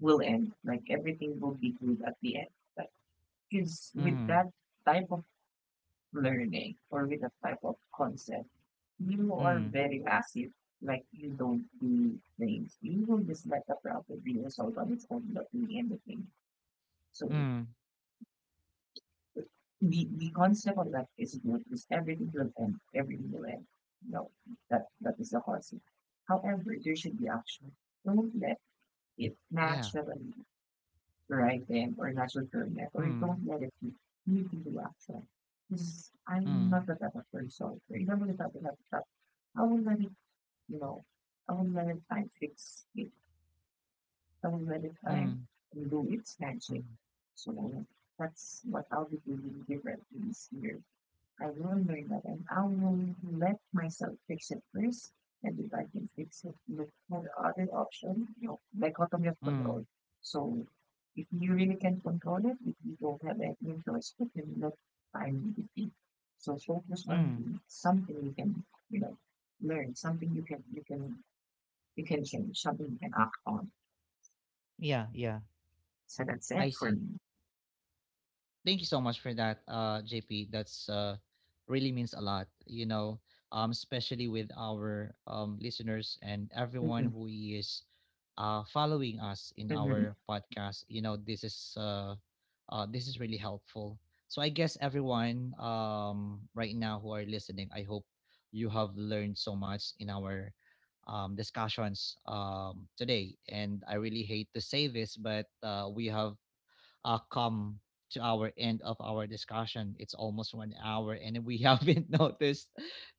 B: will end. Like everything will be good at the end. Like, because with
A: Mm,
B: that type of learning or with that type of concept, you are
A: mm,
B: very passive. Like you don't do things. You will just let the problem be resolved on its own, not doing anything. So
A: mm.
B: the concept of that is good. Is everything will end. Everything will end. No, that that is the concept. However, there should be action. Don't let it
A: Yeah.
B: naturally right then, or natural recurring or you
A: Mm,
B: don't let it be. You can do action. This I'm
A: mm,
B: not the type of person. You don't really have to have that. I will let it, you know, I will let it time fix it. I will let it time
A: mm,
B: do its magic.
A: mm,
B: So that's what I'll be doing differently this year. I remember that an unknown who let myself fix it first, and if I can fix it, look for the other option, you know, dichotomy of
A: mm,
B: control. So if you really can control it, if you don't have any choice, you can look find defeat. So focus on
A: mm.
B: something you can, you know, learn, something you can change, something you can act on.
A: Yeah, yeah.
B: So that's
A: I
B: it for
A: see.
B: me.
A: Thank you so much for that, JP. That's really means a lot, you know, especially with our listeners and everyone
B: Hmm.
A: who is following us in
B: Hmm.
A: our podcast. You know, this is really helpful. So I guess everyone right now who are listening, I hope you have learned so much in our discussions today. And I really hate to say this, but we have come to our end of our discussion. It's almost 1 hour, and we haven't noticed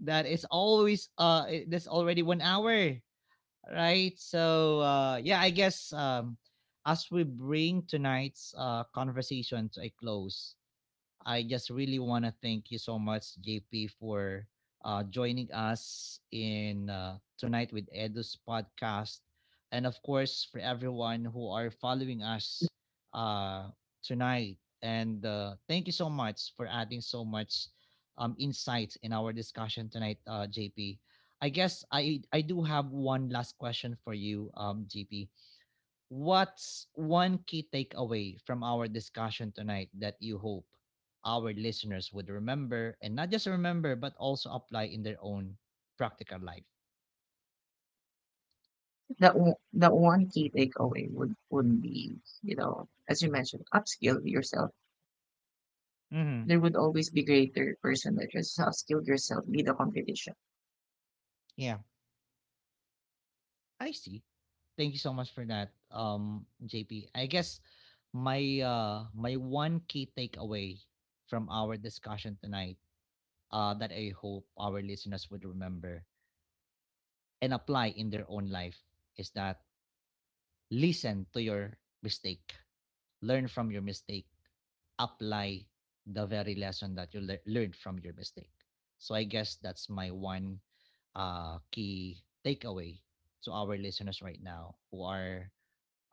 A: that that's already 1 hour, right? So yeah, I guess as we bring tonight's conversation to a close, I just really want to thank you so much, JP, for joining us in, tonight with Edu's podcast, and of course for everyone who are following us uh, tonight. And thank you so much for adding so much insight in our discussion tonight, JP. I guess I do have one last question for you, JP. What's one key takeaway from our discussion tonight that you hope our listeners would remember, and not just remember but also apply in their own practical life?
B: The one key takeaway would be, you know, as you mentioned, upskill yourself.
A: Hmm.
B: There would always be greater person that has upskilled yourself be the competition.
A: Yeah, I see. Thank you so much for that, JP. I guess my one key takeaway from our discussion tonight that I hope our listeners would remember and apply in their own life is that: listen to your mistake, learn from your mistake, apply the very lesson that you learned from your mistake. So I guess that's my one key takeaway to our listeners right now who are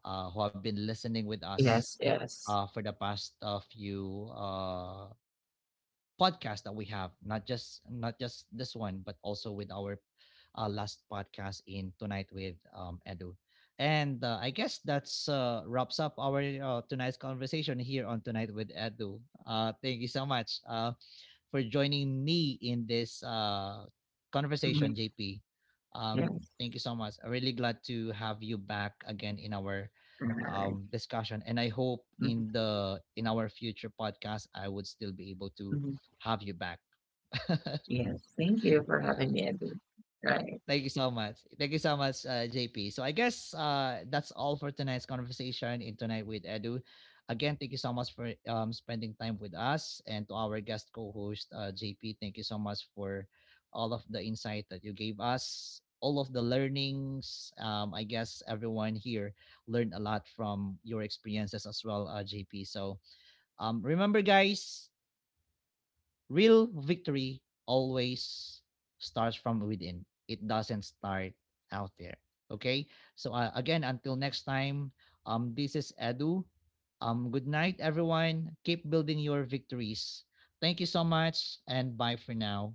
A: who have been listening with us
B: Yes, yes.
A: for the past few podcast that we have, not just not just this one but also with our last podcast in tonight with Edu. And I guess that's wraps up our tonight's conversation here on Tonight with Edu. Thank you so much for joining me in this conversation,
B: Hmm.
A: JP. Um,
B: Yes.
A: thank you so much. I'm really glad to have you back again in our
B: Right.
A: discussion, and I hope in our future podcast I would still be able to
B: Hmm.
A: have you back.
B: Yes, thank you for
A: Yeah.
B: having me, Edu. Right.
A: Thank you so much. Thank you so much, JP. So I guess that's all for tonight's conversation in Tonight with Edu. Again, thank you so much for spending time with us and to our guest co-host, JP. Thank you so much for all of the insight that you gave us, all of the learnings. I guess everyone here learned a lot from your experiences as well, JP. So, remember, guys, real victory always starts from within. It doesn't start out there. Okay. So, again, until next time, this is Edu. Good night, everyone. Keep building your victories. Thank you so much, and bye for now.